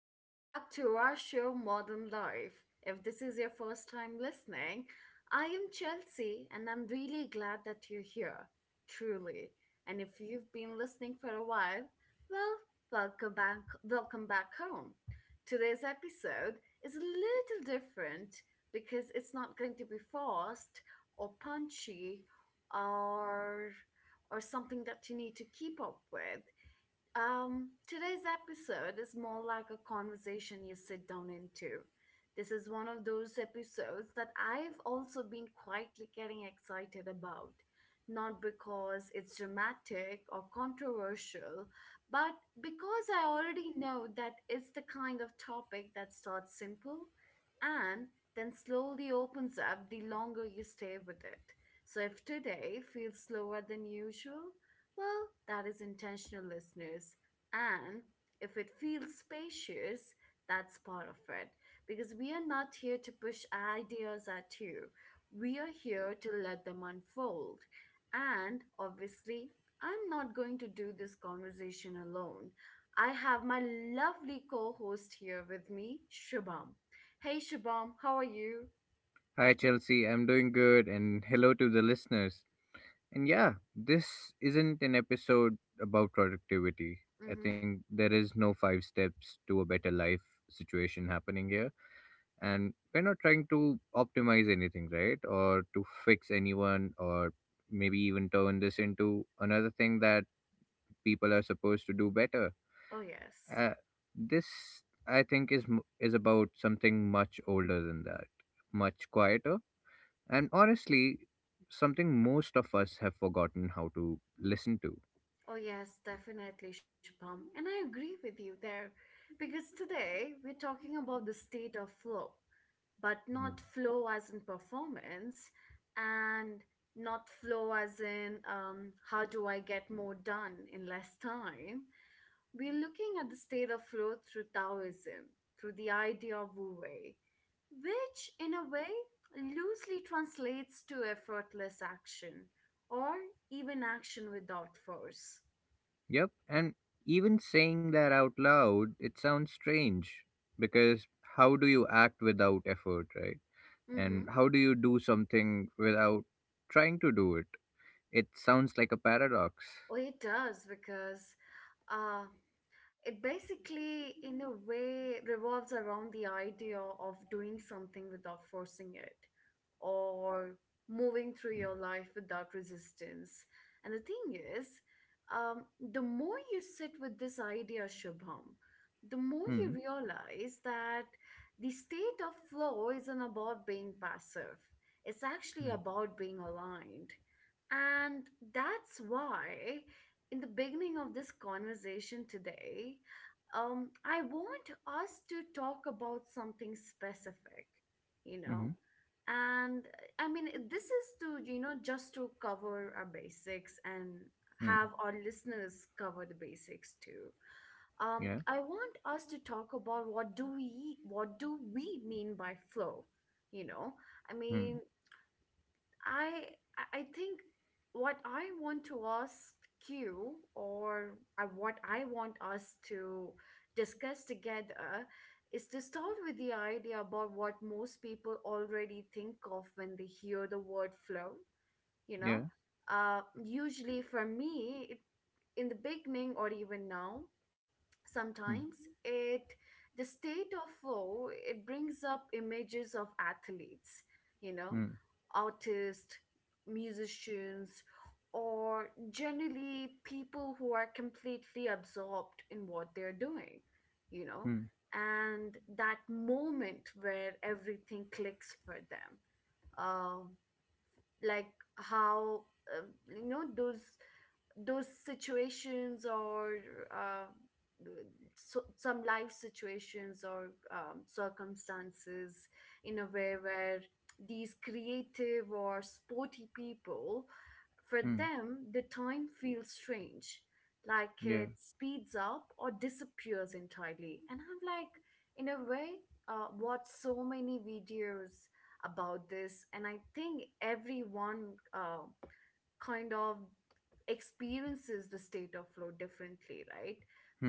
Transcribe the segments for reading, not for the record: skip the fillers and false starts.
Welcome back to our show, Modern Life. If this is your first time listening, I am Chelsea and I'm really glad that you're here, truly. And if you've been listening for a while, well, welcome back home. Today's episode is a little different because it's not going to be forced or punchy or or something that you need to keep up with. Today's episode is more like a conversation you sit down into. This is one of those episodes that I've also been quietly getting excited about. Not because it's dramatic or controversial, but because I already know that it's the kind of topic that starts simple and then slowly opens up the longer you stay with it. So if today feels slower than usual, well, that is intentional, listeners. And if it feels spacious, that's part of it. Because we are not here to push ideas at you, we are here to let them unfold. And obviously, I'm not going to do this conversation alone. I have my lovely co host here with me, Shubham. Hey, Shubham, how are you? Hi, Chelsea. I'm doing good, and hello to the listeners. And yeah, this isn't an episode about productivity. I Mm-hmm. think there is no five steps to a better life situation happening here. And we're not trying to optimize anything, right? Or to fix anyone, or maybe even turn this into another thing that people are supposed to do better. Oh, yes. Uh, this, I think, is, is about something much older than that, much quieter and honestly, something most of us have forgotten how to listen to. Oh, yes, definitely, Shubham. And I agree with you there because today we're talking about the state of flow, but Mm. not flow as in performance and not flow as in how do I get more done in less time. We're looking at the state of flow through Taoism, through the idea of Wu Wei, which in a way loosely translates to effortless action or even action without force. Yep, and even saying that out loud, it sounds strange because how do you act without effort, right? Mm-hmm. And how do you do something without trying to do it? It sounds like a paradox. Well, it does because uh, it basically, in a way, revolves around the idea of doing something without forcing it or moving through your life without resistance. And the thing is, um, the more you sit with this idea, Shubham, the more Hmm. you realize that the state of flow isn't about being passive, it's Hmm. actually about being aligned. And that's why, in the beginning of this conversation today, I want us to talk about something specific, you Mm-hmm. know? And I mean, this is to, just to cover our basics and Hmm. have our listeners cover the basics too. Yeah. I want us to talk about what do we mean by flow? You know, I Hmm. mean, I I think what I want to ask you or what I want us to discuss together is to start with the idea about what most people already think of when they hear the word flow, you know. Yeah. Usually for me, in the beginning or even now, Hmm. sometimes it the state of flow it brings up images of athletes, you know Hmm. artists, musicians, or generally people who are completely absorbed in what they're doing you Hmm. know and that moment where everything clicks for them, um like how uh, you know those those situations or uh, so, some life situations or circumstances, in a way, where these creative or sporty people, for Hmm. them, the time feels strange, like Yeah. it speeds up or disappears entirely. And I'm like, in a way, watch so many videos about this, and I think everyone, kind of experiences the state of flow differently, right?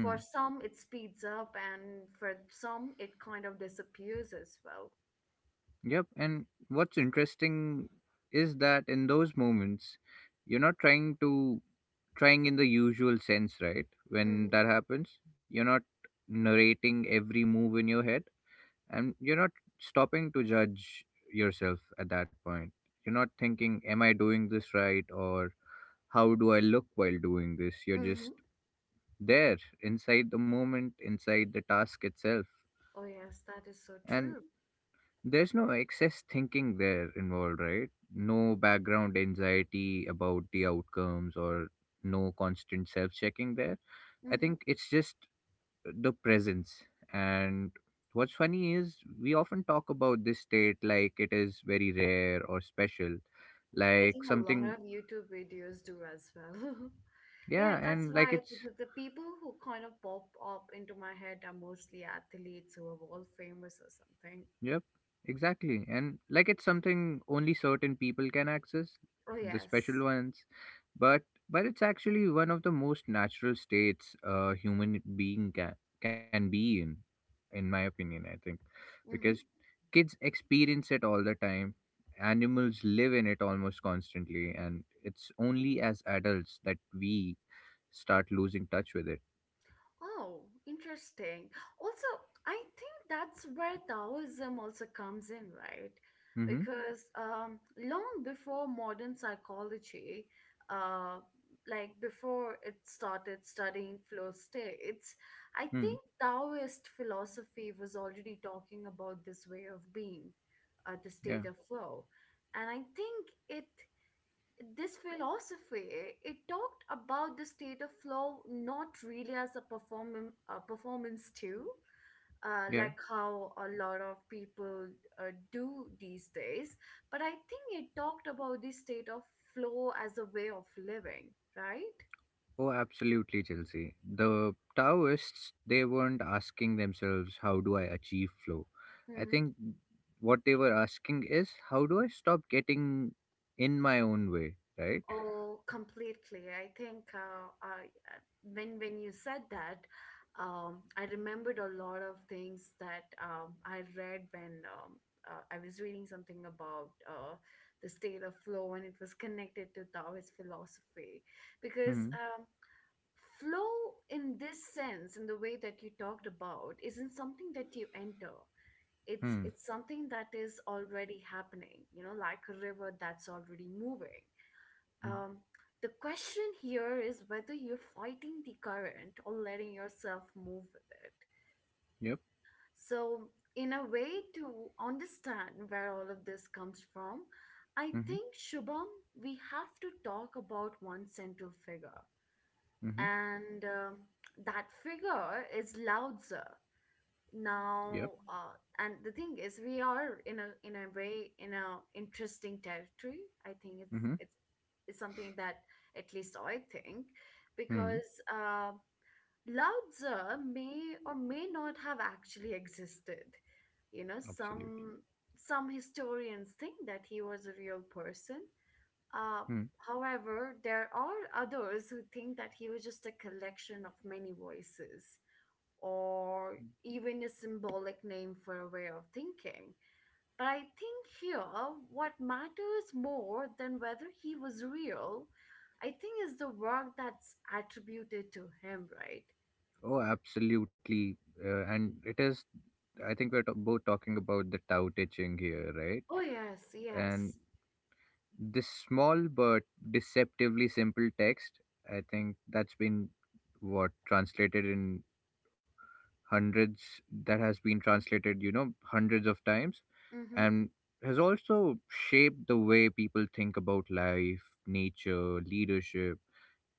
For some, it speeds up, and for some, it kind of disappears as well. Yep, and what's interesting is that in those moments, you're not trying in the usual sense, right? When Mm-hmm. that happens, you're not narrating every move in your head and you're not stopping to judge yourself at that point. You're not thinking, am I doing this right or how do I look while doing this? You're Mm-hmm. just there inside the moment, inside the task itself. Oh, yes, that is so And true. There's no excess thinking there involved, right? No background anxiety about the outcomes or no constant self checking there. I Mm-hmm. think it's just the presence. And what's funny is we often talk about this state like it is very rare or special, I like think a lot something, of YouTube videos do as well. yeah, Yeah, that's and like why it's the people who kind of pop up into my head are mostly athletes who are world famous or something. Yep, exactly. And like it's something only certain people can access, Oh, the yes. special ones. But but it's actually one of the most natural states a human being can be in my opinion, I think. Because Mm-hmm. kids experience it all the time. Animals live in it almost constantly, and it's only as adults that we start losing touch with it. Oh, interesting. Also, I think that's where Taoism also comes in, right? Mm-hmm. Because long before modern psychology, uh, like before it started studying flow states, I Mm. think Taoist philosophy was already talking about this way of being, the Yeah. state of flow. And I think it this philosophy it talked about the state of flow not really as a performance too, Yeah. like how a lot of people do these days, but I think it talked about the state of flow as a way of living, right? Oh, absolutely, Chelsea. The Taoists, they weren't asking themselves, how do I achieve flow? I think what they were asking is, how do I stop getting in my own way, right? Oh, completely. I think when you said that, I remembered a lot of things that, I read when, I was reading something about the state of flow, and it was connected to Taoist philosophy, because, Hmm. Flow, in this sense, in the way that you talked about, isn't something that you enter. It's Hmm. it's something that is already happening. You know, like a river that's already moving Hmm. um, the question here is whether you're fighting the current or letting yourself move with it. Yep. So, in a way, to understand where all of this comes from, I Hmm. think, Shubham, we have to talk about one central figure. Hmm. And that figure is Lao Tzu. Now, Yep. uh, and the thing is, we are in a way, in a interesting territory. I think it's Hmm. it's, it's something that, at least I think, Hmm. because Lao Tzu may or may not have actually existed. You know, Absolutely. some historians think that he was a real person, uh, Hmm. however there are others who think that he was just a collection of many voices, or even a symbolic name for a way of thinking. But I think here, what matters more than whether he was real, I think, is the work that's attributed to him, right? Oh, absolutely. And it is, I think we're both talking about the Tao teaching here, right? Oh, yes, And yes. this small but deceptively simple text, I think that's been what translated in hundreds, that has been translated, you know, hundreds of times, Mm-hmm. and has also shaped the way people think about life, nature, leadership,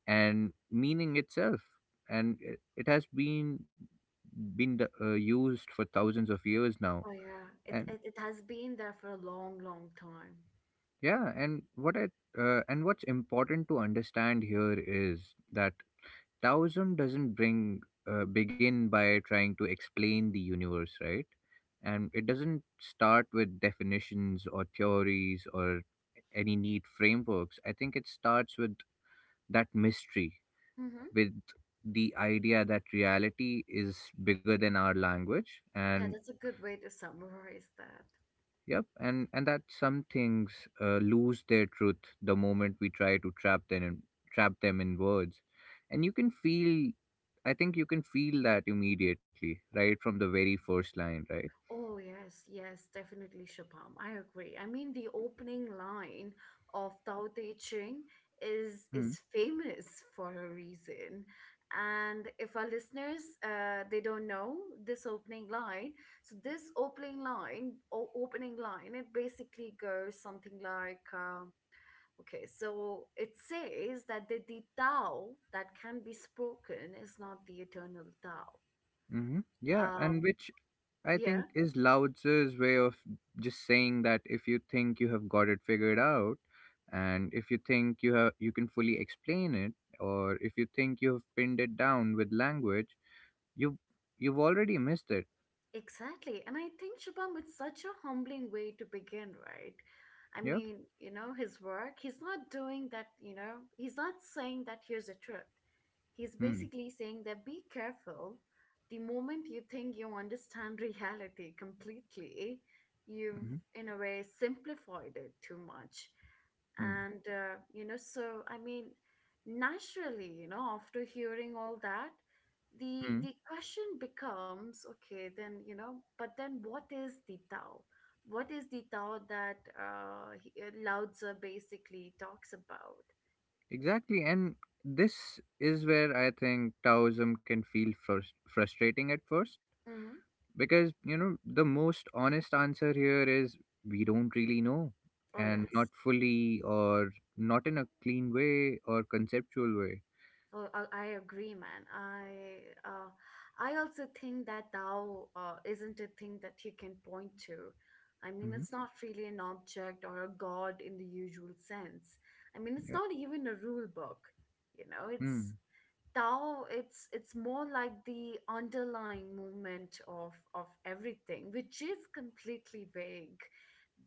and meaning itself. And it has been used for thousands of years now, Oh, yeah. It, and it, it has been there for a long, long time. yeah, and what's important to understand here is that Taoism doesn't bring begin by trying to explain the universe, right? And it doesn't start with definitions or theories or any neat frameworks. I think it starts with that mystery, Mm-hmm. with the idea that reality is bigger than our language and Yeah, that's a good way to summarize that. yep, and that some things lose their truth the moment we try to trap them in words, and you can feel. I think you can feel that immediately, right from the very first line, right? Oh, yes, yes, definitely, Shubham. I agree. I mean, the opening line of Tao Te Ching is famous for a reason. And if our listeners, they don't know this opening line, so this opening line, it basically goes something like, okay, so it says that the Tao that can be spoken is not the eternal Tao. Mm-hmm. Yeah, and Um, which I yeah. think is Lao Tzu's way of just saying that if you think you have got it figured out, and if you think you can fully explain it, or if you think you have pinned it down with language, you you've already missed it. Exactly. And I think, Shubham, it's such a humbling way to begin, right? I Yeah. mean, you know, his work, he's not doing that, you know, he's not saying that here's the truth. He's Hmm. basically saying that be careful. The moment you think you understand reality completely, you've, Mhm. in a way, simplified it too much. Hmm. And, so, I mean, naturally, after hearing all that, the Mm. the question becomes, okay, then, but then What is the Tao that Lao Tzu basically talks about? Exactly. And this is where I think Taoism can feel frustrating at first. Hmm. Because, you know, the most honest answer here is we don't really know. Oh, And not yes. fully, or not in a clean way or conceptual way. Oh, I agree, man. I also think that Tao, isn't a thing that you can point to. I mean, Hmm. it's not really an object or a god in the usual sense. I mean, it's Yeah. not even a rule book. You know it's Mm, Tao, it's more like the underlying movement of everything, which is completely vague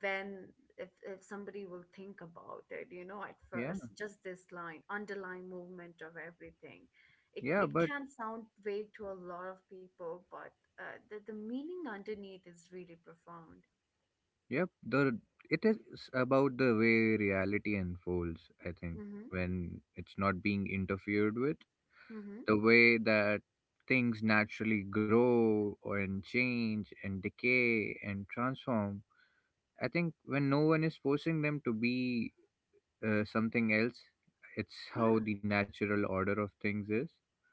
when, if somebody will think about it, at yeah. first, just this line, underlying movement of everything. It Yeah. it But, can sound vague to a lot of people, but the meaning underneath is really profound. yep, the it is about the way reality unfolds, I think, Mm-hmm. when it's not being interfered with Mm-hmm. the way that things naturally grow and change and decay and transform. I think when no one is forcing them to be something else, it's Yeah. how the natural order of things is.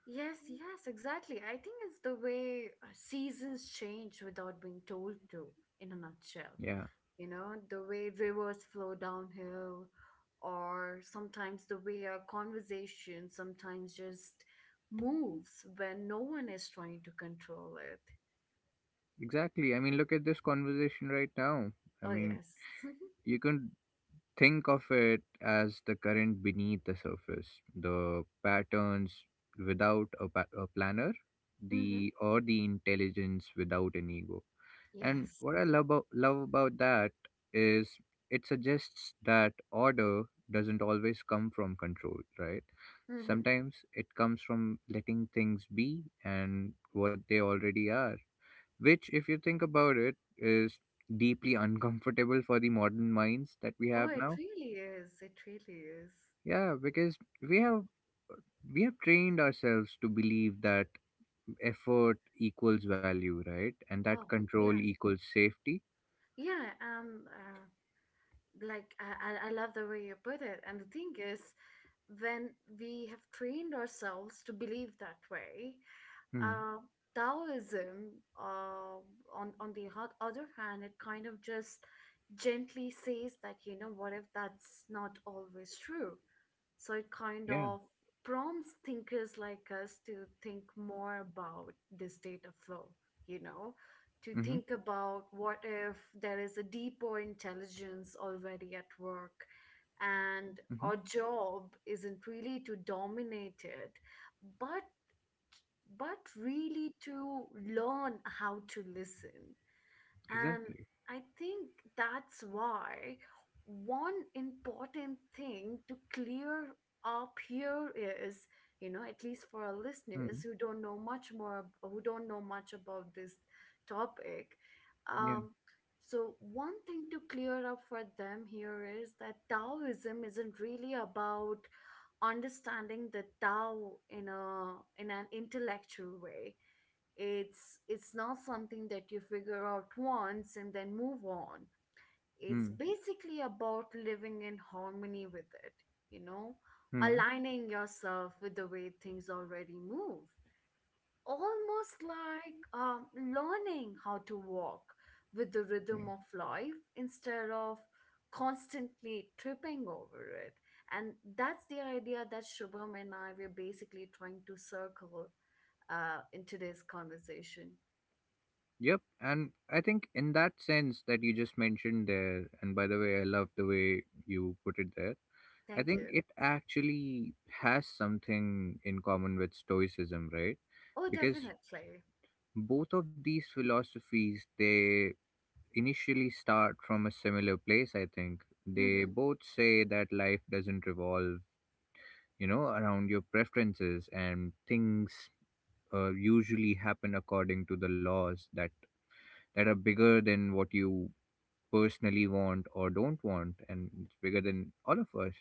Yes, yes, exactly. I think it's the way seasons change without being told to, in a nutshell. Yeah, The way rivers flow downhill, or sometimes the way a conversation sometimes just moves when no one is trying to control it. exactly. I mean, look at this conversation right now. I Oh, mean, yes. you can think of it as the current beneath the surface, the patterns without a planner, Mm-hmm. the or the intelligence without an ego. And Yes. what I love about that is it suggests that order doesn't always come from control, right? Mm-hmm. Sometimes it comes from letting things be and what they already are, which, if you think about it, is deeply uncomfortable for the modern minds that we Oh, have it now. really is. It really is. Yeah, because we have we have trained ourselves to believe that effort equals value, right? And that Oh, control yeah. equals safety. Yeah, and like I love the way you put it. And the thing is, when we have trained ourselves to believe that way, Hmm. uh, Taoism, on the other hand, it kind of just gently says that, what if that's not always true? So it kind Yeah. of prompts thinkers like us to think more about this data flow, you know, to Mm-hmm. think about, what if there is a deeper intelligence already at work and our Mm-hmm. job isn't really to dominate it, but but really to learn how to listen? And Exactly. I think that's why one important thing to clear up here is, at least for our listeners Mm. who don't know much more, who don't know much about this topic. Yeah. Um, so, one thing to clear up for them here is that Taoism isn't really about understanding the Tao in an intellectual way. It's not something that you figure out once and then move on. It's Mm. basically about living in harmony with it, you know, Mm. aligning yourself with the way things already move. Almost like, learning how to walk with the Yeah. rhythm of life instead of constantly tripping over it. And that's the idea that Shubham and I were basically trying to circle, in today's conversation. Yep. And I think in that sense that you just mentioned there, and by the way, I love the way you put it there. I Thank think you. it actually has something in common with Stoicism, right? Oh, Because definitely. both of these philosophies, they initially start from a similar place, I think. They Mm-hmm. both say that life doesn't revolve, you know, around your preferences and things usually happen according to the laws that are bigger than what you personally want or don't want and it's bigger than all of us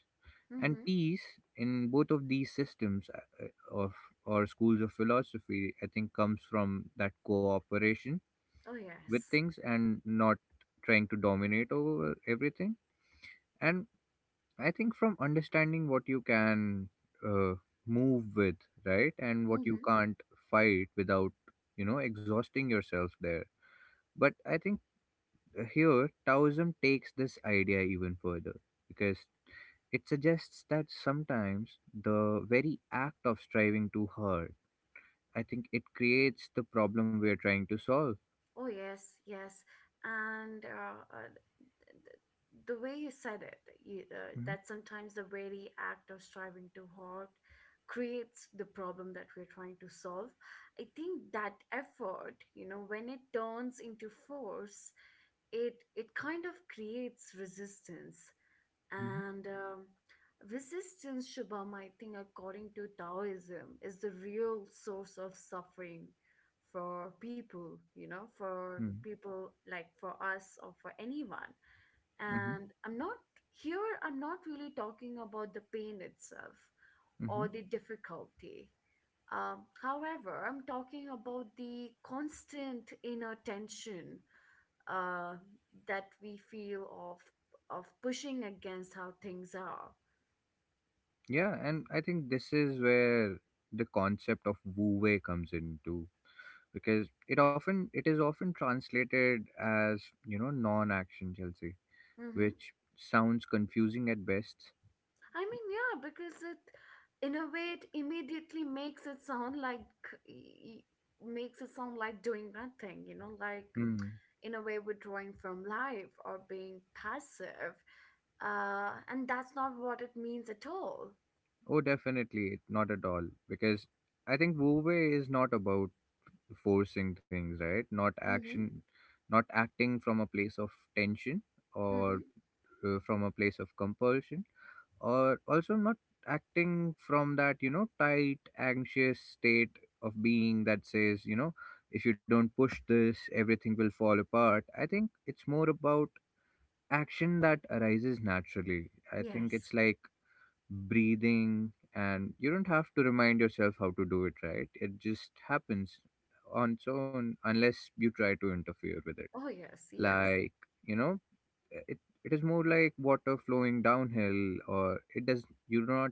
and Mm-hmm. peace in both of these systems of or schools of philosophy I think comes from that cooperation Oh, with yes. things and not trying to dominate over everything and I think from understanding what you can uh, move with, right, and what you Mm-hmm. can't fight without, you know, exhausting yourself there. But I think here Taoism takes this idea even further because it suggests that sometimes the very act of striving too hard, I think it creates the problem we are trying to solve. Oh, yes. Yes. And uh, uh, the way you said it, Hmm. that sometimes the very act of striving too hard creates the problem that we're trying to solve. I think that effort, you know, when it turns into force, it kind of creates resistance Hmm. and resistance, Shubham, I think, according to Taoism, is the real source of suffering for people, you know, for Hmm. people like for us or for anyone. Hmm. And I'm not here I'm not really talking about the pain itself or Hmm. the difficulty. However, I'm talking about the constant inner tension uh, that we feel of pushing against how things are. Yeah, and I think this is where the concept of wu wei comes in too because it is often translated as you know non-action, Chelsea, Mm-hmm. which sounds confusing at best. I mean, yeah, because it, in a way, it immediately makes it sound like y- makes it sound like doing nothing, you know, like Hmm. in a way withdrawing from life or being passive. And that's not what it means at all. Oh, definitely not at all because I think Wu-Wei is not about forcing things, right? Not Mm-hmm. action, not acting from a place of tension or Mm-hmm. From a place of compulsion, or also not acting from that you know tight anxious state of being that says you know if you don't push this everything will fall apart. I think it's more about action that arises naturally. I think Yes. it's like breathing and you don't have to remind yourself how to do it, right? It just happens on its own unless you try to interfere with it. Oh, yes, yes. Like you know it it is more like water flowing downhill or it does you do not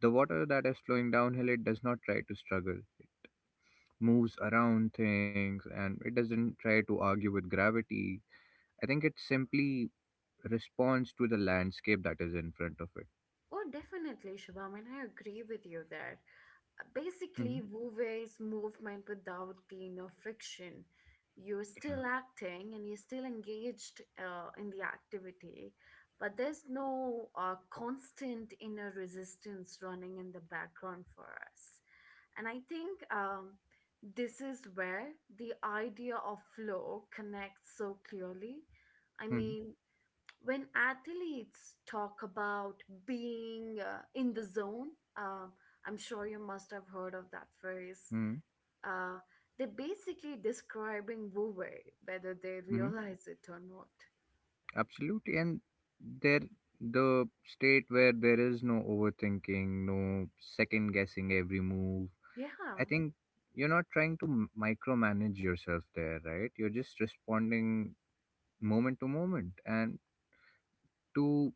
the water that is flowing downhill, it does not try to struggle. It moves around things and it doesn't try to argue with gravity. I think it simply responds to the landscape that is in front of it. Oh, definitely, Shubham, and I agree with you there. Basically, Hmm. Wu Wei's movement without the, you know, friction. You're Yeah. still acting and you're still engaged in the activity, but there's no constant inner resistance running in the background for us. And I think This is where the idea of flow connects so clearly. I Hmm. mean, when athletes talk about being in the zone, um, I'm sure you must have heard of that phrase. Hmm. Uh, they're basically describing Wu Wei, whether they Hmm. realize it or not. Absolutely. And there, the state where there is no overthinking, no second guessing every move. Yeah, I think you're not trying to micromanage yourself there, right? You're just responding moment to moment and to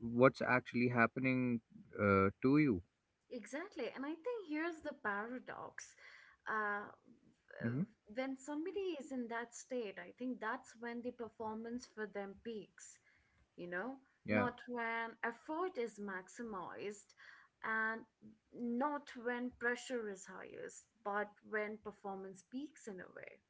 what's actually happening to you. exactly. And I think here's the paradox. Uh, Hmm. w- when somebody is in that state, I think that's when the performance for them peaks. You know, Yeah. not when effort is maximized and not when pressure is highest, but when performance peaks in a way.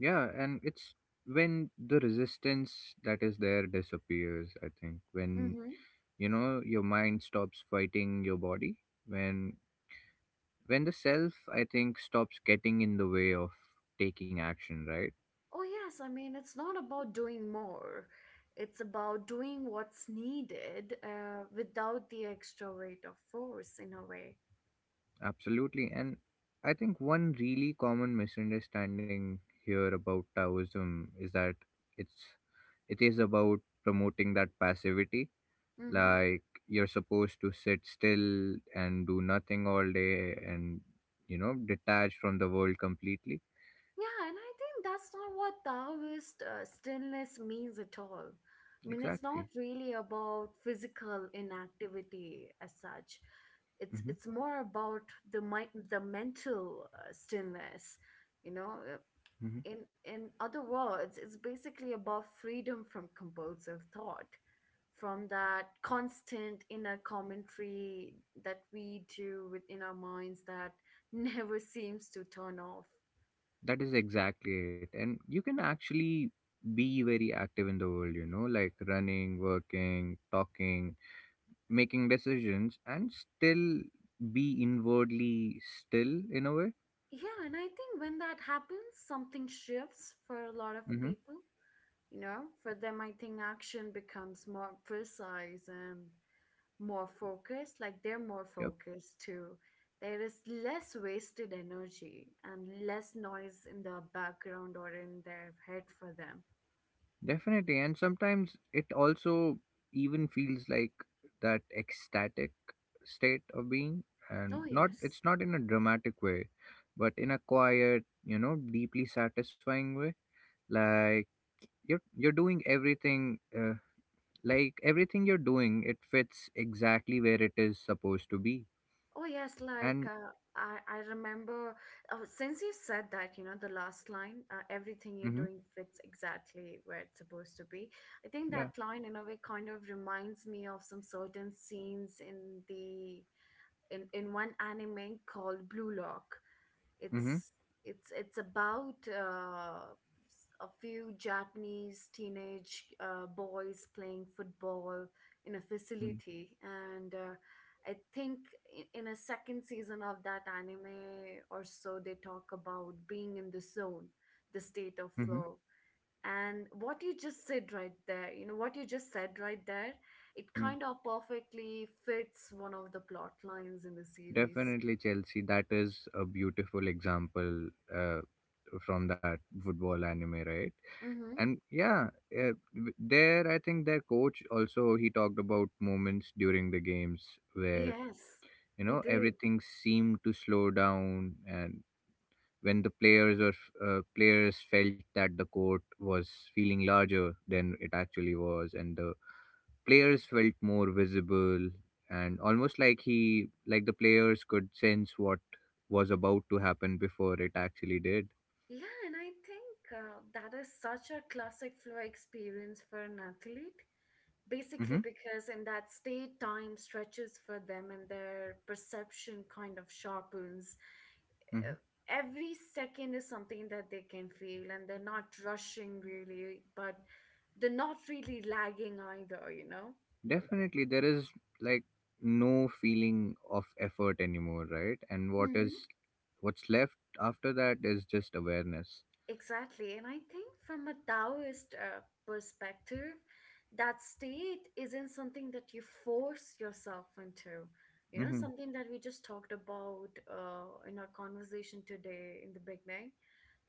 Yeah, and it's when the resistance that is there disappears. I think when Mm-hmm. you know your mind stops fighting your body, when when the self I think stops getting in the way of taking action, right? Oh, yes, I mean, it's not about doing more, it's about doing what's needed without the extra weight of force in a way. Absolutely. And I think one really common misunderstanding here about Taoism is that it's it is about promoting that passivity, Mm-hmm. like you're supposed to sit still and do nothing all day and you know detach from the world completely. Yeah, and I think that's not what Taoist stillness means at all. I mean, it's not Exactly. really about physical inactivity as such. It's Hmm. it's more about the mind, the mental stillness. You know. Uh, Hmm. in in other words, it's basically about freedom from compulsive thought, from that constant inner commentary that we do within our minds that never seems to turn off. That is exactly it, and you can actually be very active in the world you know like running, working, talking, making decisions and still be inwardly still in a way. Yeah, and I think when that happens, something shifts for a lot of Mm-hmm. people. You know, for them, I think action becomes more precise and more focused. Like they're more Yeah. focused too. There is less wasted energy and less noise in the background or in their head for them. Definitely, and sometimes it also even feels like that ecstatic state of being, and Oh, not yes. it's not in a dramatic way, but in a quiet, you know, deeply satisfying way. Like you're doing everything, like everything you're doing, it fits exactly where it is supposed to be. Oh yes, like And I remember, since you said that, you know, the last line, everything mm-hmm, you're doing fits exactly where it's supposed to be. I think yeah, that line in a way kind of reminds me of some certain scenes in the in one anime called Blue Lock. mm-hmm, It's it's it's about a few Japanese teenage boys playing football in a mm-hmm, facility, and I think in a second season of that anime or so, they talk about being in the zone, the state of mm-hmm. flow. And what you just said right there, you know, what you just said right there, it Mm-hmm. kind of perfectly fits one of the plot lines in the series. Definitely, Chelsea. That is a beautiful example. From that football anime, right? Mm-hmm. And yeah, uh, there I think their coach also he talked about moments during the games where Yes, you he know did. everything seemed to slow down and when the players felt that the court was feeling larger than it actually was and the players felt more visible and almost like the players could sense what was about to happen before it actually did. Yeah, and I think that is such a classic flow experience for an athlete. Mm-hmm. Basically, because in that state, time stretches for them and their perception kind of sharpens. Mm-hmm. Uh, Every second is something that they can feel, and they're not rushing really, but they're not really lagging either, you know? Definitely, there is like no feeling of effort anymore, right? And what's left after that is just awareness. Exactly. And I think from a Taoist perspective, that state isn't something that you force yourself into. You know, Mm-hmm. something that we just talked about in our conversation today in the beginning.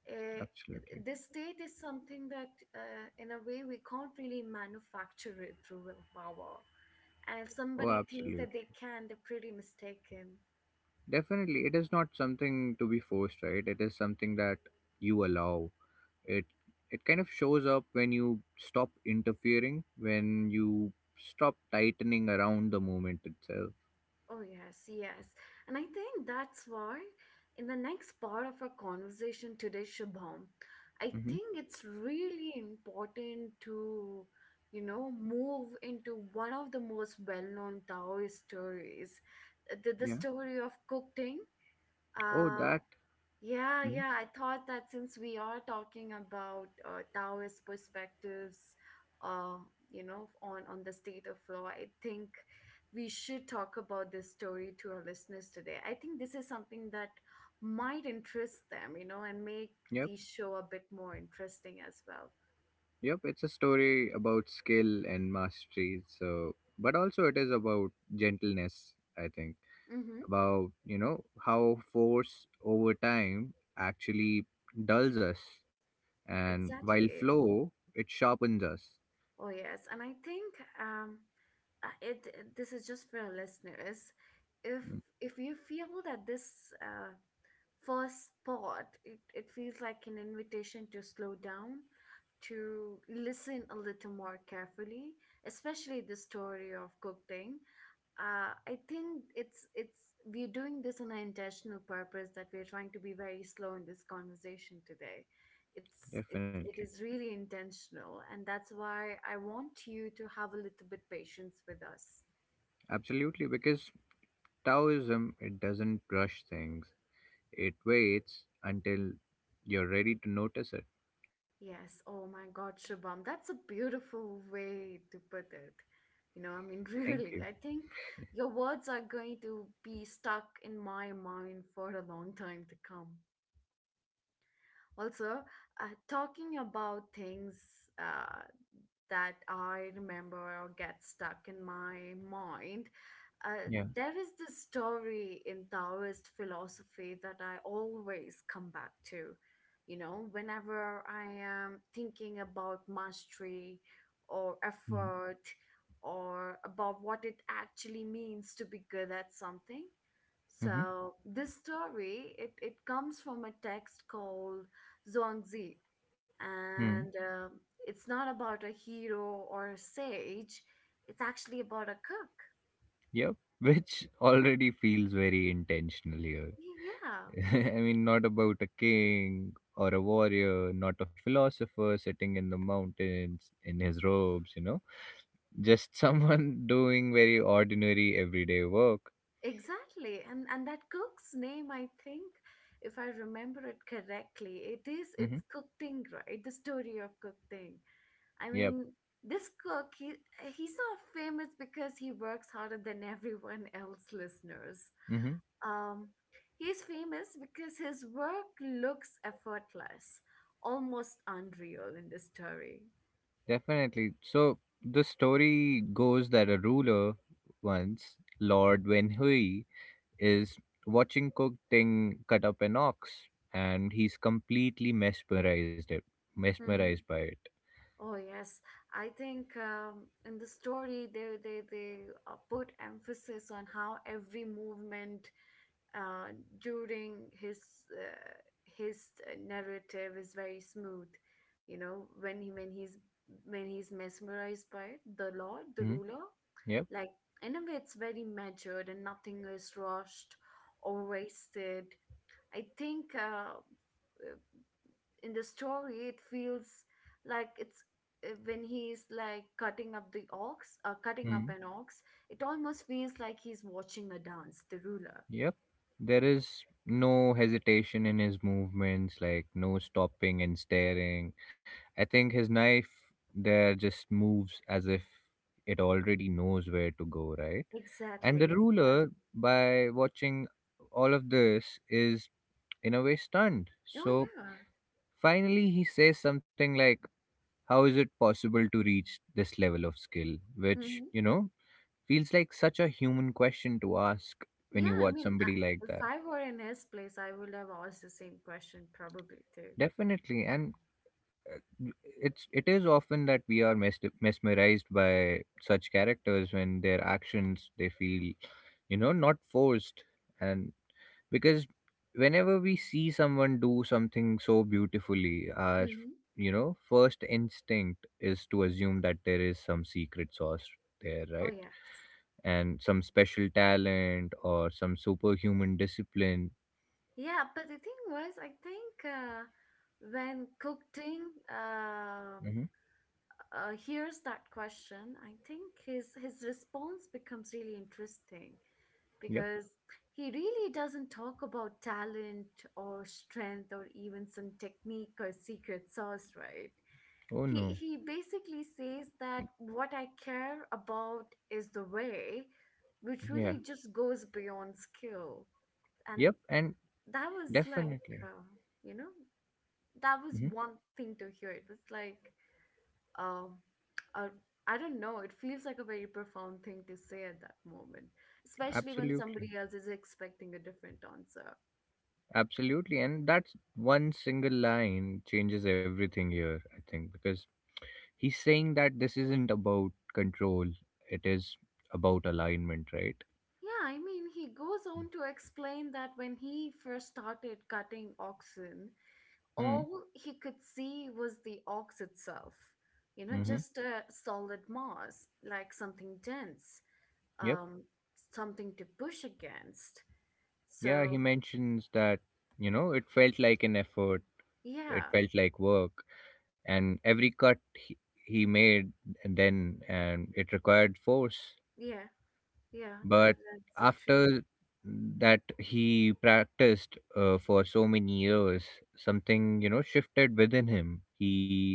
Uh, Absolutely. this state is something that, in a way, we can't really manufacture it through willpower. And if Oh, somebody thinks that absolutely. they can, they're pretty mistaken. Definitely, it is not something to be forced, right? It is something that you allow. It It kind of shows up when you stop interfering, when you stop tightening around the moment itself. Oh, yes, yes. And I think that's why in the next part of our conversation today, Shubham, I Mm-hmm. think it's really important to, you know, move into one of the most well known Taoist stories, the Yeah. story of Cook Ting. Oh, Uh, that. yeah, Mm-hmm. yeah. I thought that since we are talking about Taoist perspectives, uh, you know, on the state of flow, I think we should talk about this story to our listeners today. I think this is something that might interest them, you know, and make the Yep. show a bit more interesting as well. Yep, it's a story about skill and mastery. So, but also it is about gentleness, I think, Mm-hmm. about, you know, how force over time actually dulls us, and while Exactly. flow, it sharpens us. Oh yes, and I think um, it this is just for our listeners. If Mm. You feel that this first spot, it feels like an invitation to slow down, to listen a little more carefully, especially the story of cooking. I think it's we're doing this on an intentional purpose that we're trying to be very slow in this conversation today. It Definitely. is really intentional, and that's why I want you to have a little bit patience with us. Absolutely, because Taoism, it doesn't rush things, it waits until you're ready to notice it. Yes, oh my God, Shubham, that's a beautiful way to put it. You know, I mean, Thank really, you. I think your words are going to be stuck in my mind for a long time to come. Also, talking about things uh, that I remember or get stuck in my mind. Yeah. There is this story in Taoist philosophy that I always come back to. You know, whenever I am thinking about mastery or Mm-hmm. effort or about what it actually means to be good at something. So this story, it comes from a text called Zhuangzi, Mm-hmm. and it's not about a hero or a sage, it's actually about a cook. Yep, which already feels very intentional here. Yeah, I mean, not about a king or a warrior, not a philosopher sitting in the mountains in his robes, you know, just someone doing very ordinary everyday work. exactly. And that cook's name, I think, if I remember it correctly, it is Mm-hmm. it's cooking, right? The story of cooking. I Yep. mean, this cook, he's not famous because he works harder than everyone else, listeners. Mm-hmm. Um, he's famous because his work looks effortless, almost unreal in the story. Definitely. So the story goes that a ruler once, Lord Wenhui, is watching Cook Ting cut up an ox, and he's completely mesmerized it, Mm-hmm. mesmerized by it. Oh yes, I think in the story they put emphasis on how every movement uh, during his uh, his uh, narrative is very smooth, you know, when he, when he's mesmerized by it, the Hmm? ruler, Yep. like, in a way it's very measured and nothing is rushed or wasted. I think uh, in the story it feels like it's when he's like cutting up the ox, cutting up Hmm. an ox, it almost feels like he's watching a dance, the ruler. Yep. There is no hesitation in his movements, like no stopping and staring. I think his knife there just moves as if it already knows where to go, right? And the Exactly. ruler, by watching all of this, is in a way stunned. Oh So yeah. finally, he says something like, how is it possible to reach this level of skill, which, Hmm. you know, feels like such a human question to ask when Yeah, you I watch mean, somebody like if that. I were in his place, I would have asked the same question probably too. Definitely. And uh, it's it is often that we are mesmerized by such characters when their actions they feel, you know, not forced. And because whenever we see someone do something so beautifully, our, Hmm. you know, first instinct is to assume that there is some secret sauce there, Oh right? yeah. And some special talent or some superhuman discipline. Yeah, but the thing was, I think when Cookting uh, Hmm. Hears that question, I think his response becomes really interesting Yep. because he really doesn't talk about talent or strength or even some technique or secret sauce, right? Oh no. He basically says that what I care about is the way, which Yeah. really just goes beyond skill. And Yep. And that was like, definitely. You know, that was Hmm. one thing to hear. It was like, um, uh, I don't know. It feels like a very profound thing to say at that moment, especially when Absolutely. somebody else is expecting a different answer. Absolutely. And that's one single line changes everything here, I think, because he's saying that this isn't about control, it is about alignment, right? Yeah, I mean, he goes on to explain that when he first started cutting oxen, Hmm. all he could see was the ox itself, you know, Mm-hmm. just a solid mass, like something dense, Yep. um, something to push against. Yeah. He So, mentions that, you know, it felt like an effort, it yeah, felt like work, and every he made then, and it required force. yeah, yeah, But that's the truth. after that he practiced for so many years, something, you know, shifted within him. He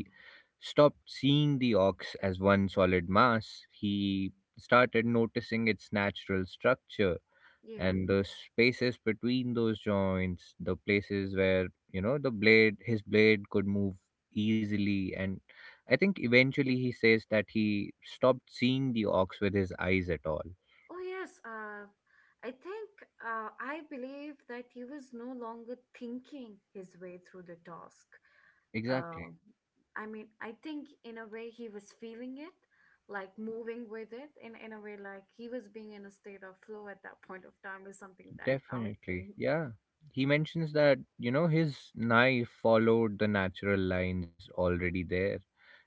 stopped seeing the ox as one solid mass, he started noticing its natural structure Yeah. and the spaces between those joints, the places where, you know, the blade his blade could move easily. And I think eventually he says that he stopped seeing the ox with his eyes at all. Oh, yes. I think, I believe that he was no longer thinking his way through the task. Exactly. um, I mean, I think in a way he was feeling it, like moving with it, in a way like he was being in a state of flow at that point of time is something that I Definitely, think. yeah. He mentions that, you know, his knife followed the natural lines already there,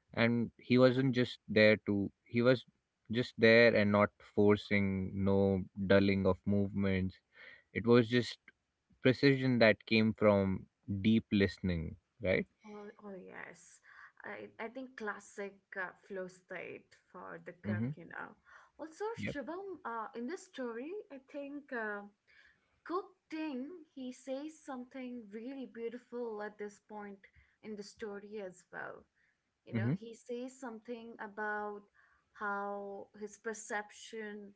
and he wasn't just there to he was just there and not forcing. No dulling of movements. It was just precision that came from deep listening, right? Oh, oh yes, I think classic flow state for the cook, Mm-hmm. you know. Also, Yep. Shubham, in this story, I think. Cook Ting, he says something really beautiful at this point in the story as well. You know, Mm-hmm. he says something about how his perception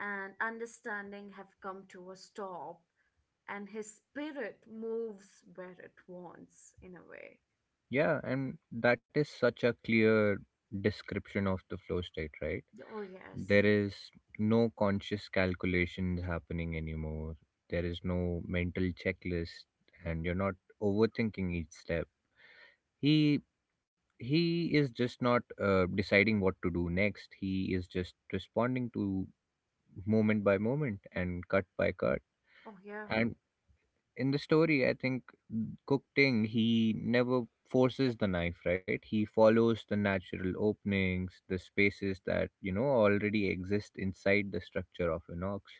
and understanding have come to a stop, and his spirit moves where it wants, in a way. Yeah, and that is such a clear description of the flow state, right? Oh, yes. There is no conscious calculations happening anymore. There is no mental checklist, and you're not overthinking each step. He he is just not deciding what to do next. He is just responding to moment by moment and cut by cut. Oh, yeah. And in the story, I think Cook Ting, he never forces the knife, right? He follows the natural openings, the spaces that, you know, already exist inside the structure of an ox.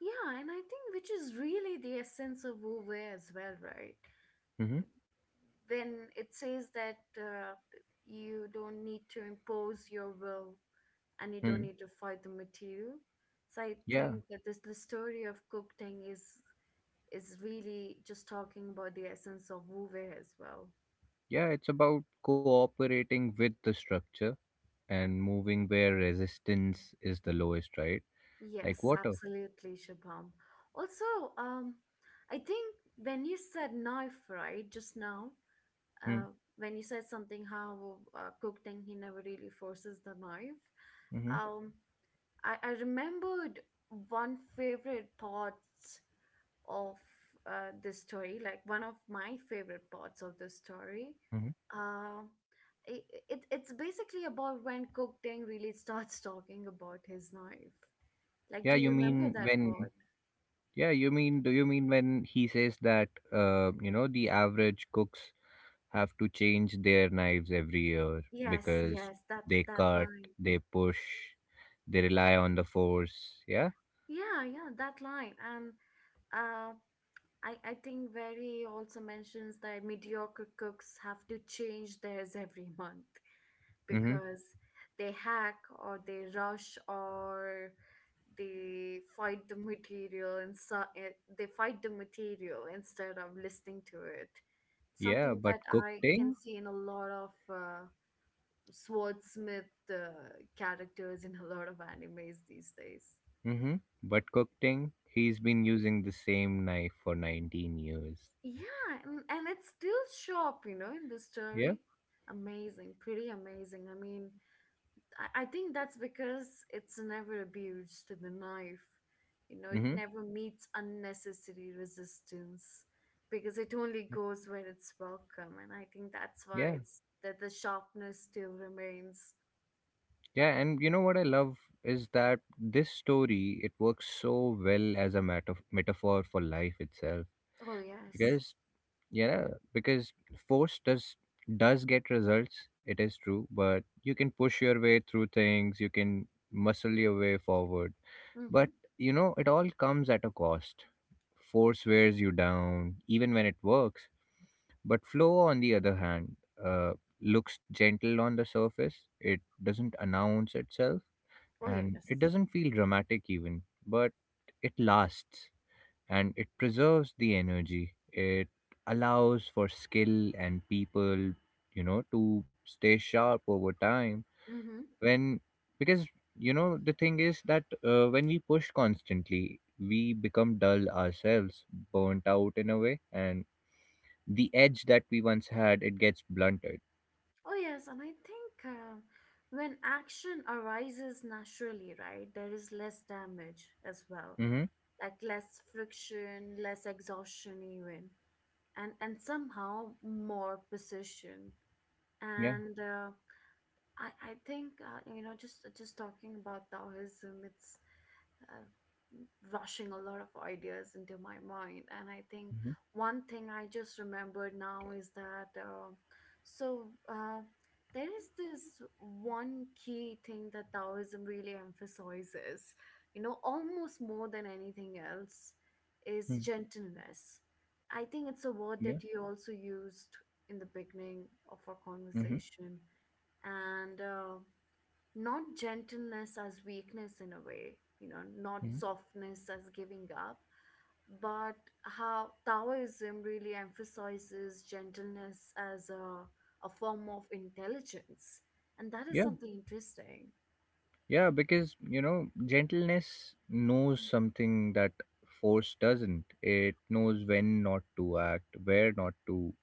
Yeah, and I think which is really the essence of Wu Wei as well, right? Hmm. When it says that you don't need to impose your will and you Hmm. don't need to fight the material. So I Yeah. think that this the story of Cook Tang is really just talking about the essence of Wu Wei as well. Yeah. It's about cooperating with the structure and moving where resistance is the lowest, right? Like Yes, water. absolutely, Shubham. Also, I think when you said knife, right, just now, uh, Hmm. when you said something how Cook thing he never really forces the knife, Mm-hmm. um, I remembered one favorite part of this story, like one of my favorite parts of the story. Hmm. Uh, it, it's basically about when Cook Ding really starts talking about his knife. Like, Yeah. do You you remember mean that when. part? Yeah, you mean, do you mean when he says that, you know, the average cook's have to change their knives every year Yes, because yes, that they that cut, line. they push, they rely on the force. Yeah. Yeah, yeah, that line. And uh, I think Very also mentions that mediocre cooks have to change theirs every month, Mm-hmm. because they hack or they rush or they fight the material they fight the material instead of listening to it, Yeah. something But that I can cooking, see in a lot of swordsmith characters in a lot of animes these days. mm-hmm, but cooking, he's been using the same knife for 19 years. Yeah, and it's still sharp, you know, in the story. Yeah. Amazing, pretty amazing. I mean, I think that's because it's never abused to the knife. You know, it Mm-hmm. never meets unnecessary resistance because it only goes where it's welcome. And I think that's why Yeah. it's that the sharpness still remains. Yeah. And you know what I love is that this story, it works so well as a metaphor for life itself. Oh, yes. Because yeah, because force does get results, it is true, but you can push your way through things, you can muscle your way forward. Mm-hmm. But, you know, it all comes at a cost. Force wears you down, even when it works. But flow, on the other hand, uh, looks gentle on the surface. It doesn't announce itself, Oh, and yes. it doesn't feel dramatic even, but it lasts and it preserves the energy. It allows for skill and people, you know, to stay sharp over time. Mm-hmm. When, because, you know, the thing is that when we push constantly, we become dull ourselves, burnt out in a way, and the edge that we once had, it gets blunted. Oh, yes. And I think when action arises naturally, right, there is less damage as well, Mm-hmm. like less friction, less exhaustion, even, and somehow more precision Yeah. and I think you know, just talking about Taoism, it's uh, rushing a lot of ideas into my mind. And I think Mm-hmm. one thing I just remembered now is that so uh, there is this one key thing that Taoism really emphasizes, you know, almost more than anything else, is Mm-hmm. gentleness. I think it's a word Yeah. that you also used in the beginning of our Mm-hmm. conversation. And not gentleness as weakness in a way, you know, not Mm-hmm. softness as giving up, but how Taoism really emphasizes gentleness as a form of intelligence. And that is Yeah. something interesting. Yeah, because you know, gentleness knows something that force doesn't. It knows when not to act, where not to,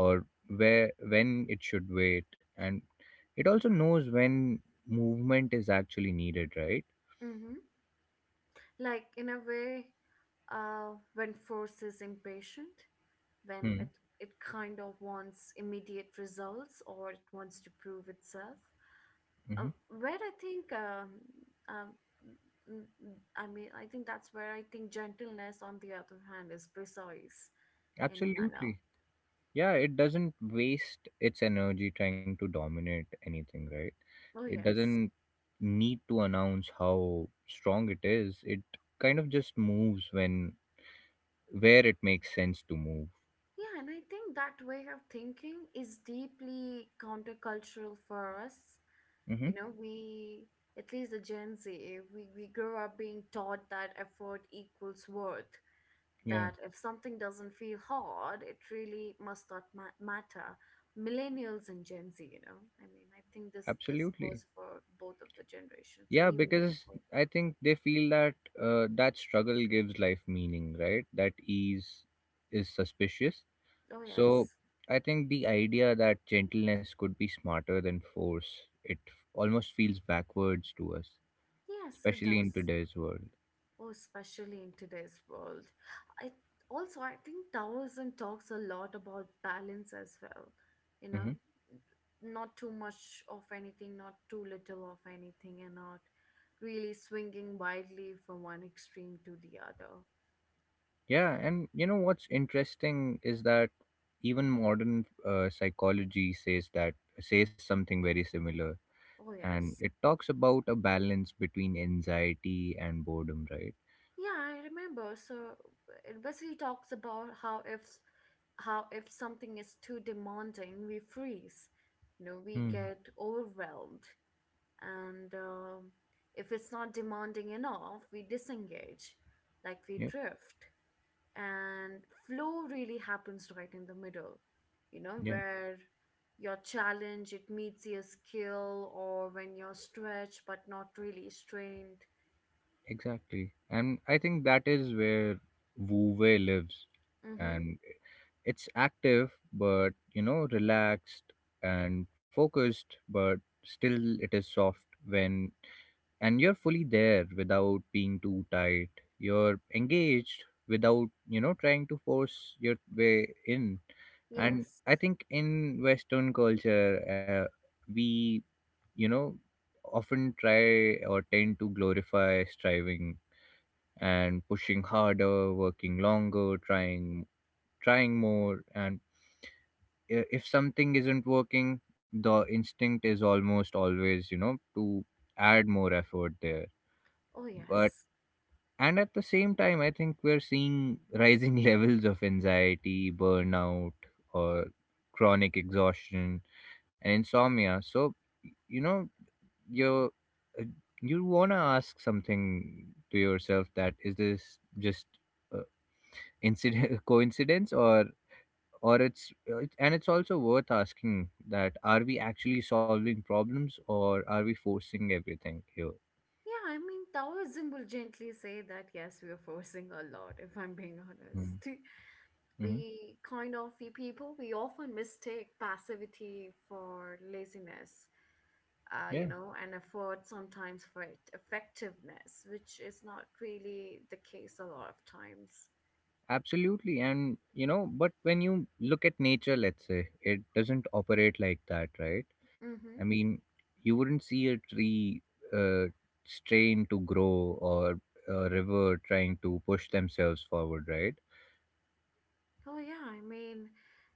or where when it should wait, and it also knows when movement is actually needed, right? Hmm. Like, in a way, when force is impatient, when Hmm. it, it kind of wants immediate results or it wants to prove itself. Hmm. uh, where I think, um, I mean, I think that's where I think gentleness, on the other hand, is precise in a manner. Absolutely. Yeah, it doesn't waste its energy trying to dominate anything, right? Oh, It yes. doesn't need to announce how strong it is. It kind of just moves when where it makes sense to move. Yeah, and I think that way of thinking is deeply countercultural for us. Hmm. You know, at least the Gen Z, we grow up being taught that effort equals worth, Yeah, that if something doesn't feel hard, it really must not matter. Millennials and Gen Z, you know, I mean, I think this absolutely. goes for both of the generations and Yeah, even because before. I think they feel that that struggle gives life meaning, right? That ease is suspicious. Oh So yes, I think the idea that gentleness could be smarter than force, it almost feels backwards to us, yes, it especially in does. today's world. Oh, especially in today's world, I also, I think Taoism talks a lot about balance as well. You know, Hmm. Not too much of anything, not too little of anything, and not really swinging wildly from one extreme to the other. Yeah, and you know what's interesting is that even modern psychology says something very similar, Oh and yes. it talks about a balance between anxiety and boredom, right? Yeah, I remember. So it basically talks about how if something is too demanding, we freeze. You know, we Hmm. get overwhelmed, and if it's not demanding enough, we disengage, like we Yep. drift. And flow really happens right in the middle. You know, Yeah, where your challenge it meets your skill, or when you're stretched but not really strained. exactly, and I think that is where Wu Wei lives. Mm-hmm. And it's active but, you know, relaxed, and focused but still it is soft when, and you're fully there without being too tight, you're engaged without, you know, trying to force your way in. And Yes. I think in Western culture, uh, we, you know, often try or tend to glorify striving and pushing harder, working longer, trying more. And if something isn't working, the instinct is almost always, you know, to add more effort there. Oh, But, yes. and at the same time, I think we're seeing rising levels of anxiety, burnout, or chronic exhaustion and insomnia. So, you know, you're, uh, you want to ask something to yourself, that is this just, uh, incident coincidence? Or it's, and it's also worth asking that are we actually solving problems or are we forcing everything here? Yeah, I mean, Taoism will gently say that, yes, we are forcing a lot, if I'm being honest. Mm-hmm. Mm-hmm. We kind of, we people, we often mistake passivity for laziness, Yeah. you know, and effort sometimes for effectiveness, which is not really the case a lot of times. Absolutely. And, you know, but when you look at nature, let's say, it doesn't operate like that, right? I Mm-hmm. mean, you wouldn't see a tree uh, strain to grow, or a river trying to push themselves forward, right? Oh, yeah, I mean,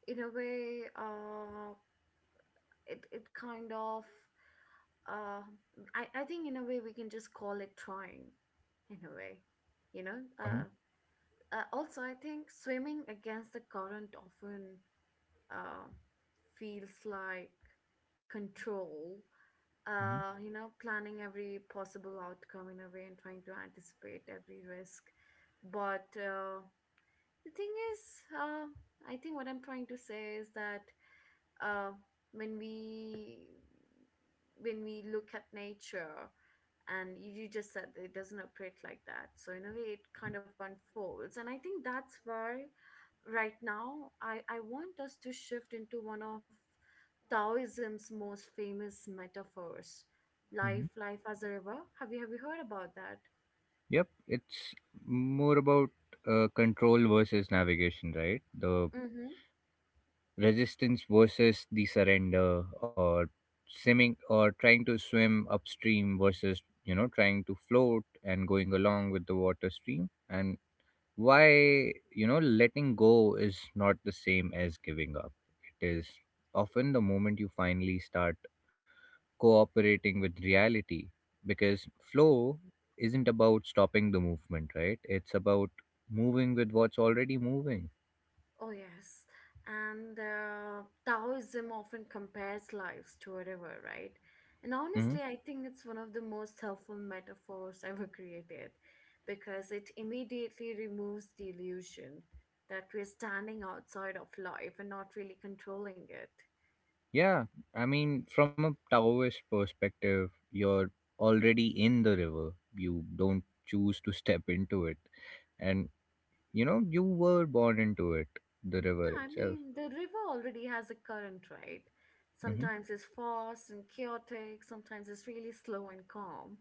in a way, it kind of uh, I think in a way we can just call it trying in a way, you know Uh-huh. uh, also I think swimming against the current often uh, feels like control, Hmm. You know, planning every possible outcome in a way and trying to anticipate every risk, but the thing is uh, I think what I'm trying to say is that uh, when we when we look at nature, and you just said that it doesn't operate like that, so in a way it kind of unfolds. And I think that's why right now I want us to shift into one of Taoism's most famous metaphors, Hmm. Life as a river. Have you heard about that? Yep. It's more about control versus navigation, right? The resistance versus the surrender, or swimming or trying to swim upstream versus, you know, trying to float and going along with the water stream. And why, you know, letting go is not the same as giving up, it is often the moment you finally start cooperating with reality, because flow isn't about stopping the movement, right? It's about moving with what's already moving. Oh, yes. And Taoism often compares lives to a river, right? And Mhm. honestly, I think it's one of the most helpful metaphors ever created because it immediately removes the illusion that we're standing outside of life and not really controlling it. Yeah, I mean, from a Taoist perspective, you're already in the river. You don't choose to step into it. And, you know, you were born into it, the river Yeah, I itself. mean, the river already has a current, right? Hmm. Sometimes it's fast and chaotic, sometimes it's really slow and calm,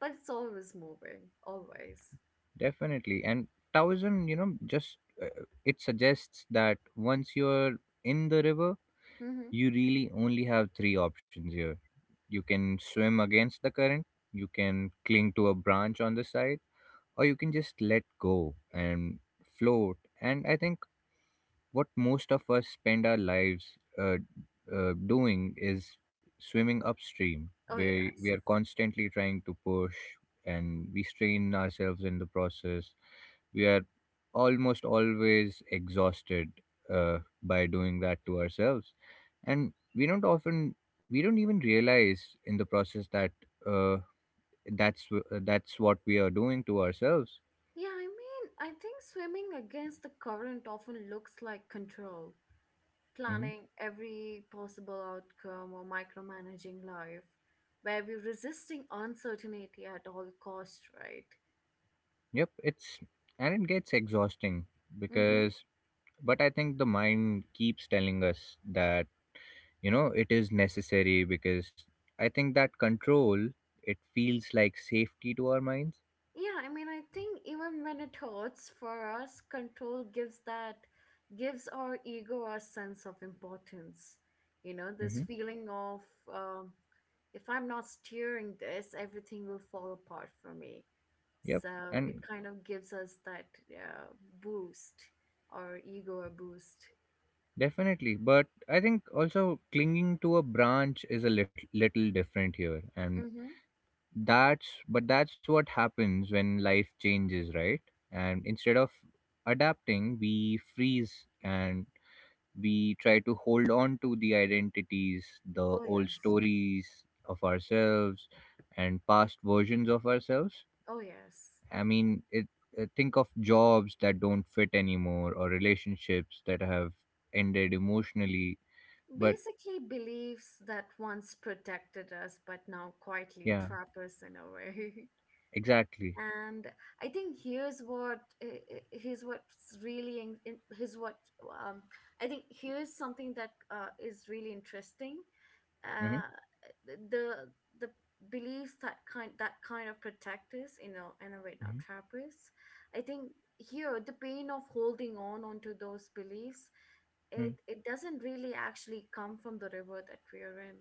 but it's always moving, always. Definitely. And Taoism, you know, just it suggests that once you're in the river, Hmm. you really only have three options here. You can swim against the current, you can cling to a branch on the side, or you can just let go and float. And I think what most of us spend our lives uh, doing is swimming upstream, Oh, where we yes. are constantly trying to push and we strain ourselves in the process. We are almost always exhausted by doing that to ourselves. And we don't even realize in the process that, uh, that's, that's what we are doing to ourselves. Yeah, I mean, I think swimming against the current often looks like control, Mhm. planning every possible outcome or micromanaging life, where we're resisting uncertainty at all costs, right? Yep, it's and it gets exhausting Mm-hmm. because, but I think the mind keeps telling us that, you know, it is necessary because I think that control, it feels like safety to our minds. Yeah, I mean, I think even when it hurts for us, gives our ego a sense of importance. You know, this Hmm. feeling of um, if I'm not steering this, everything will fall apart for me. Yep. So it And kind of gives us that uh, boost, our ego a boost. definitely, but I think also clinging to a branch is a little different here, and Mm-hmm. that's, but that's what happens when life changes, right? And instead of adapting, we freeze and we try to hold on to the identities, the Oh, old yes. stories of ourselves, and past versions of ourselves. Oh, yes. I mean, it, think of jobs that don't fit anymore, or relationships that have ended emotionally. But Basically, beliefs that once protected us but now quietly yeah, trap us in a way. exactly. And I think here's what's really in- here's what um I think here's something that is really interesting. Hmm. uh the the beliefs that kind of protect us, you know, in a way now Hmm. trap us. I think here the pain of holding on onto those beliefs, Hmm. it doesn't really actually come from the river that we're in,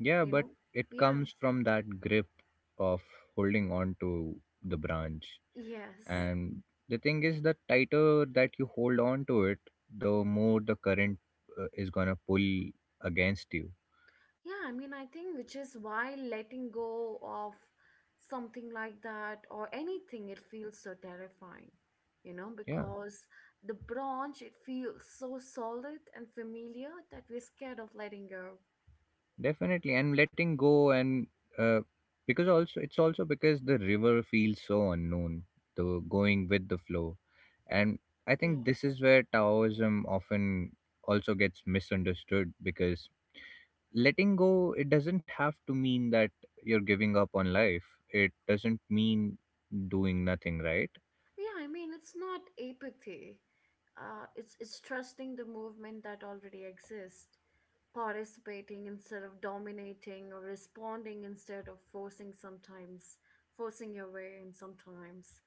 Yeah, you but know. it Yeah. comes from that grip of holding on to the branch. Yes. And the thing is, the tighter that you hold on to it, the more the current is gonna pull against you. Yeah, I mean, I think which is why letting go of something like that or anything, it feels so terrifying, you know, Yeah, because the branch, it feels so solid and familiar that we're scared of letting go. definitely. And uh, because also it's also because the river feels so unknown, the going with the flow. And I Yeah. think this is where Taoism often also gets misunderstood, because letting go, it doesn't have to mean that you're giving up on life. It doesn't mean doing nothing, right? Yeah, I mean, it's not apathy. It's trusting the movement that already exists, participating instead of dominating, or responding instead of forcing sometimes, forcing your way in sometimes.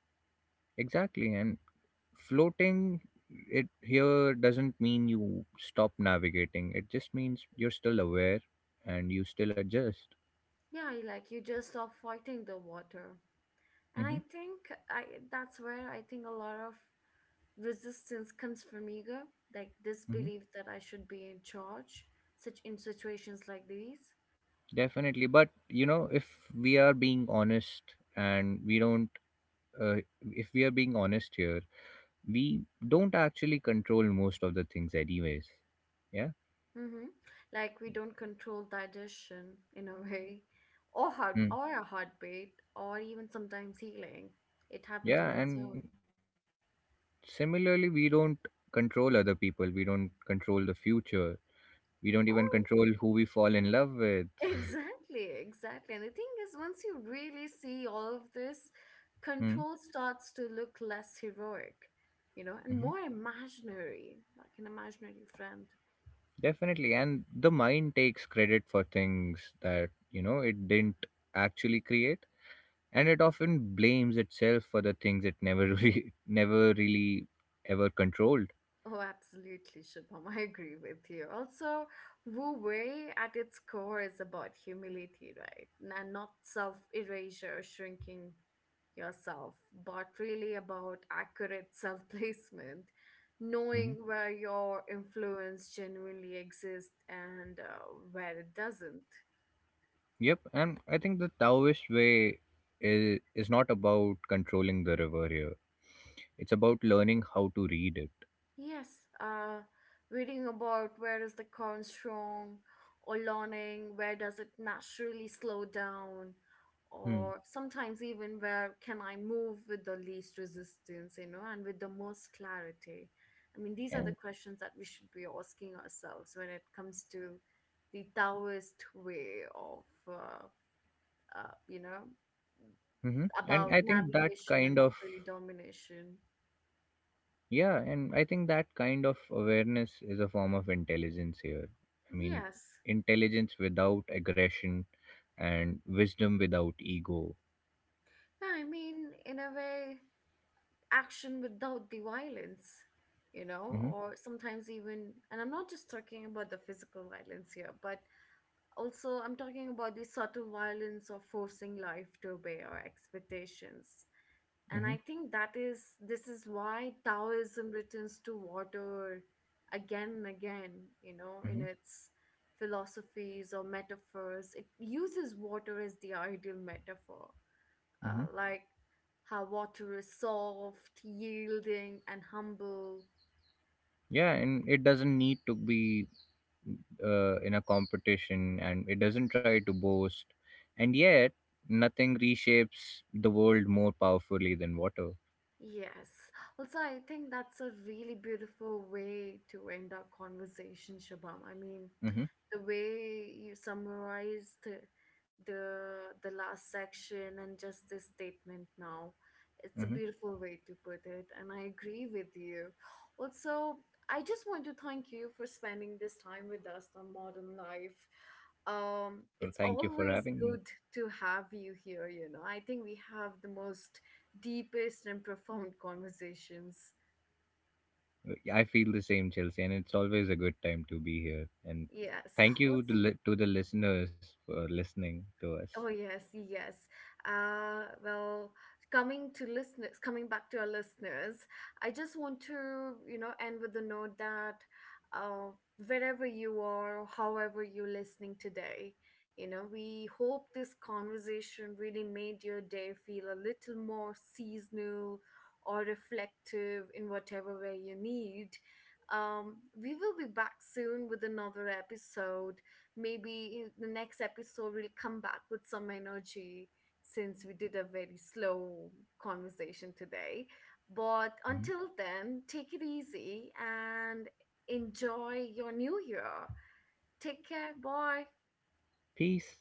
Exactly, and floating it here doesn't mean you stop navigating. It just means you're still aware and you still adjust. Yeah, you- like you just stop fighting the water. And I Hmm. think I that's where I think a lot of resistance comes from ego, like this Hmm. belief that I should be in charge, such in situations like these. Definitely, but you know, if we are being honest and we don't, uh, if we are being honest here, we don't actually control most of the things, anyways. Yeah. Mm-hmm. Like we don't control digestion in a way, or heart or a Mm. heartbeat, or even sometimes healing. It happens on its own. Yeah, and similarly, we don't control other people. We don't control the future. We don't even control who we fall in love with. Exactly, exactly. And the thing is, once you really see all of this, Mm-hmm. control starts to look less heroic, you know, and more imaginary, like an imaginary friend. Definitely. And the mind takes credit for things that, you know, it didn't actually create. And it often blames itself for the things it never really, never really ever controlled. Oh, absolutely, Shubham. I agree with you. Also, Wu Wei at its core is about humility, right? And not self erasure, shrinking yourself, but really about accurate self placement, Hmm. knowing where your influence genuinely exists and where it doesn't. Yep. And I think the Taoist way is not about controlling the river here. It's about learning how to read it. Yes, reading about where is the corn strong, or learning where does it naturally slow down, Hmm. or sometimes even where can I move with the least resistance, you know, and with the most clarity. I mean, these are the And, questions that we should be asking ourselves when it comes to the Taoist way of, you know, hmm and about I think that navigation and kind not of really domination. Yeah, and I think that kind of awareness is a form of intelligence here. I mean, Yes. intelligence without aggression and wisdom without ego. Yeah, I mean, in a way, action without the violence, you know, Hmm. or sometimes even, and I'm not just talking about the physical violence here, but also I'm talking about the subtle violence of forcing life to obey our expectations. And I Hmm. think that is this is why Taoism returns to water again and again. You know, in Hmm. its philosophies or metaphors, it uses water as the ideal metaphor, Hmm. Like how water is soft, yielding, and humble. Yeah, and it doesn't need to be, in a competition, and it doesn't try to boast. And yet, nothing reshapes the world more powerfully than water. Yes. Also, I think that's a really beautiful way to end our conversation, Shabam. I mean, Hmm. the way you summarized the last section and just this statement now, it's a Hmm. beautiful way to put it, and I agree with you. Also, I just want to thank you for spending this time with us on Modern Life. Well, It's thank you for always having me. good to have you here, you know. I think we have the most deepest and profound conversations. I feel the same, Chelsea, and it's always a good time to be here. And Yes. thank you to, Also, to the listeners for listening to us. oh yes, yes. Uh, well, coming back to our listeners, I just want to, you know, end with the note that uh, wherever you are, however you're listening today, you know, we hope this conversation really made your day feel a little more seasonal or reflective in whatever way you need. We will be back soon with another episode. Maybe in the next episode we'll come back with some energy since we did a very slow conversation today. But Mhm. until then, take it easy and enjoy your new year. Take care. Bye. Peace.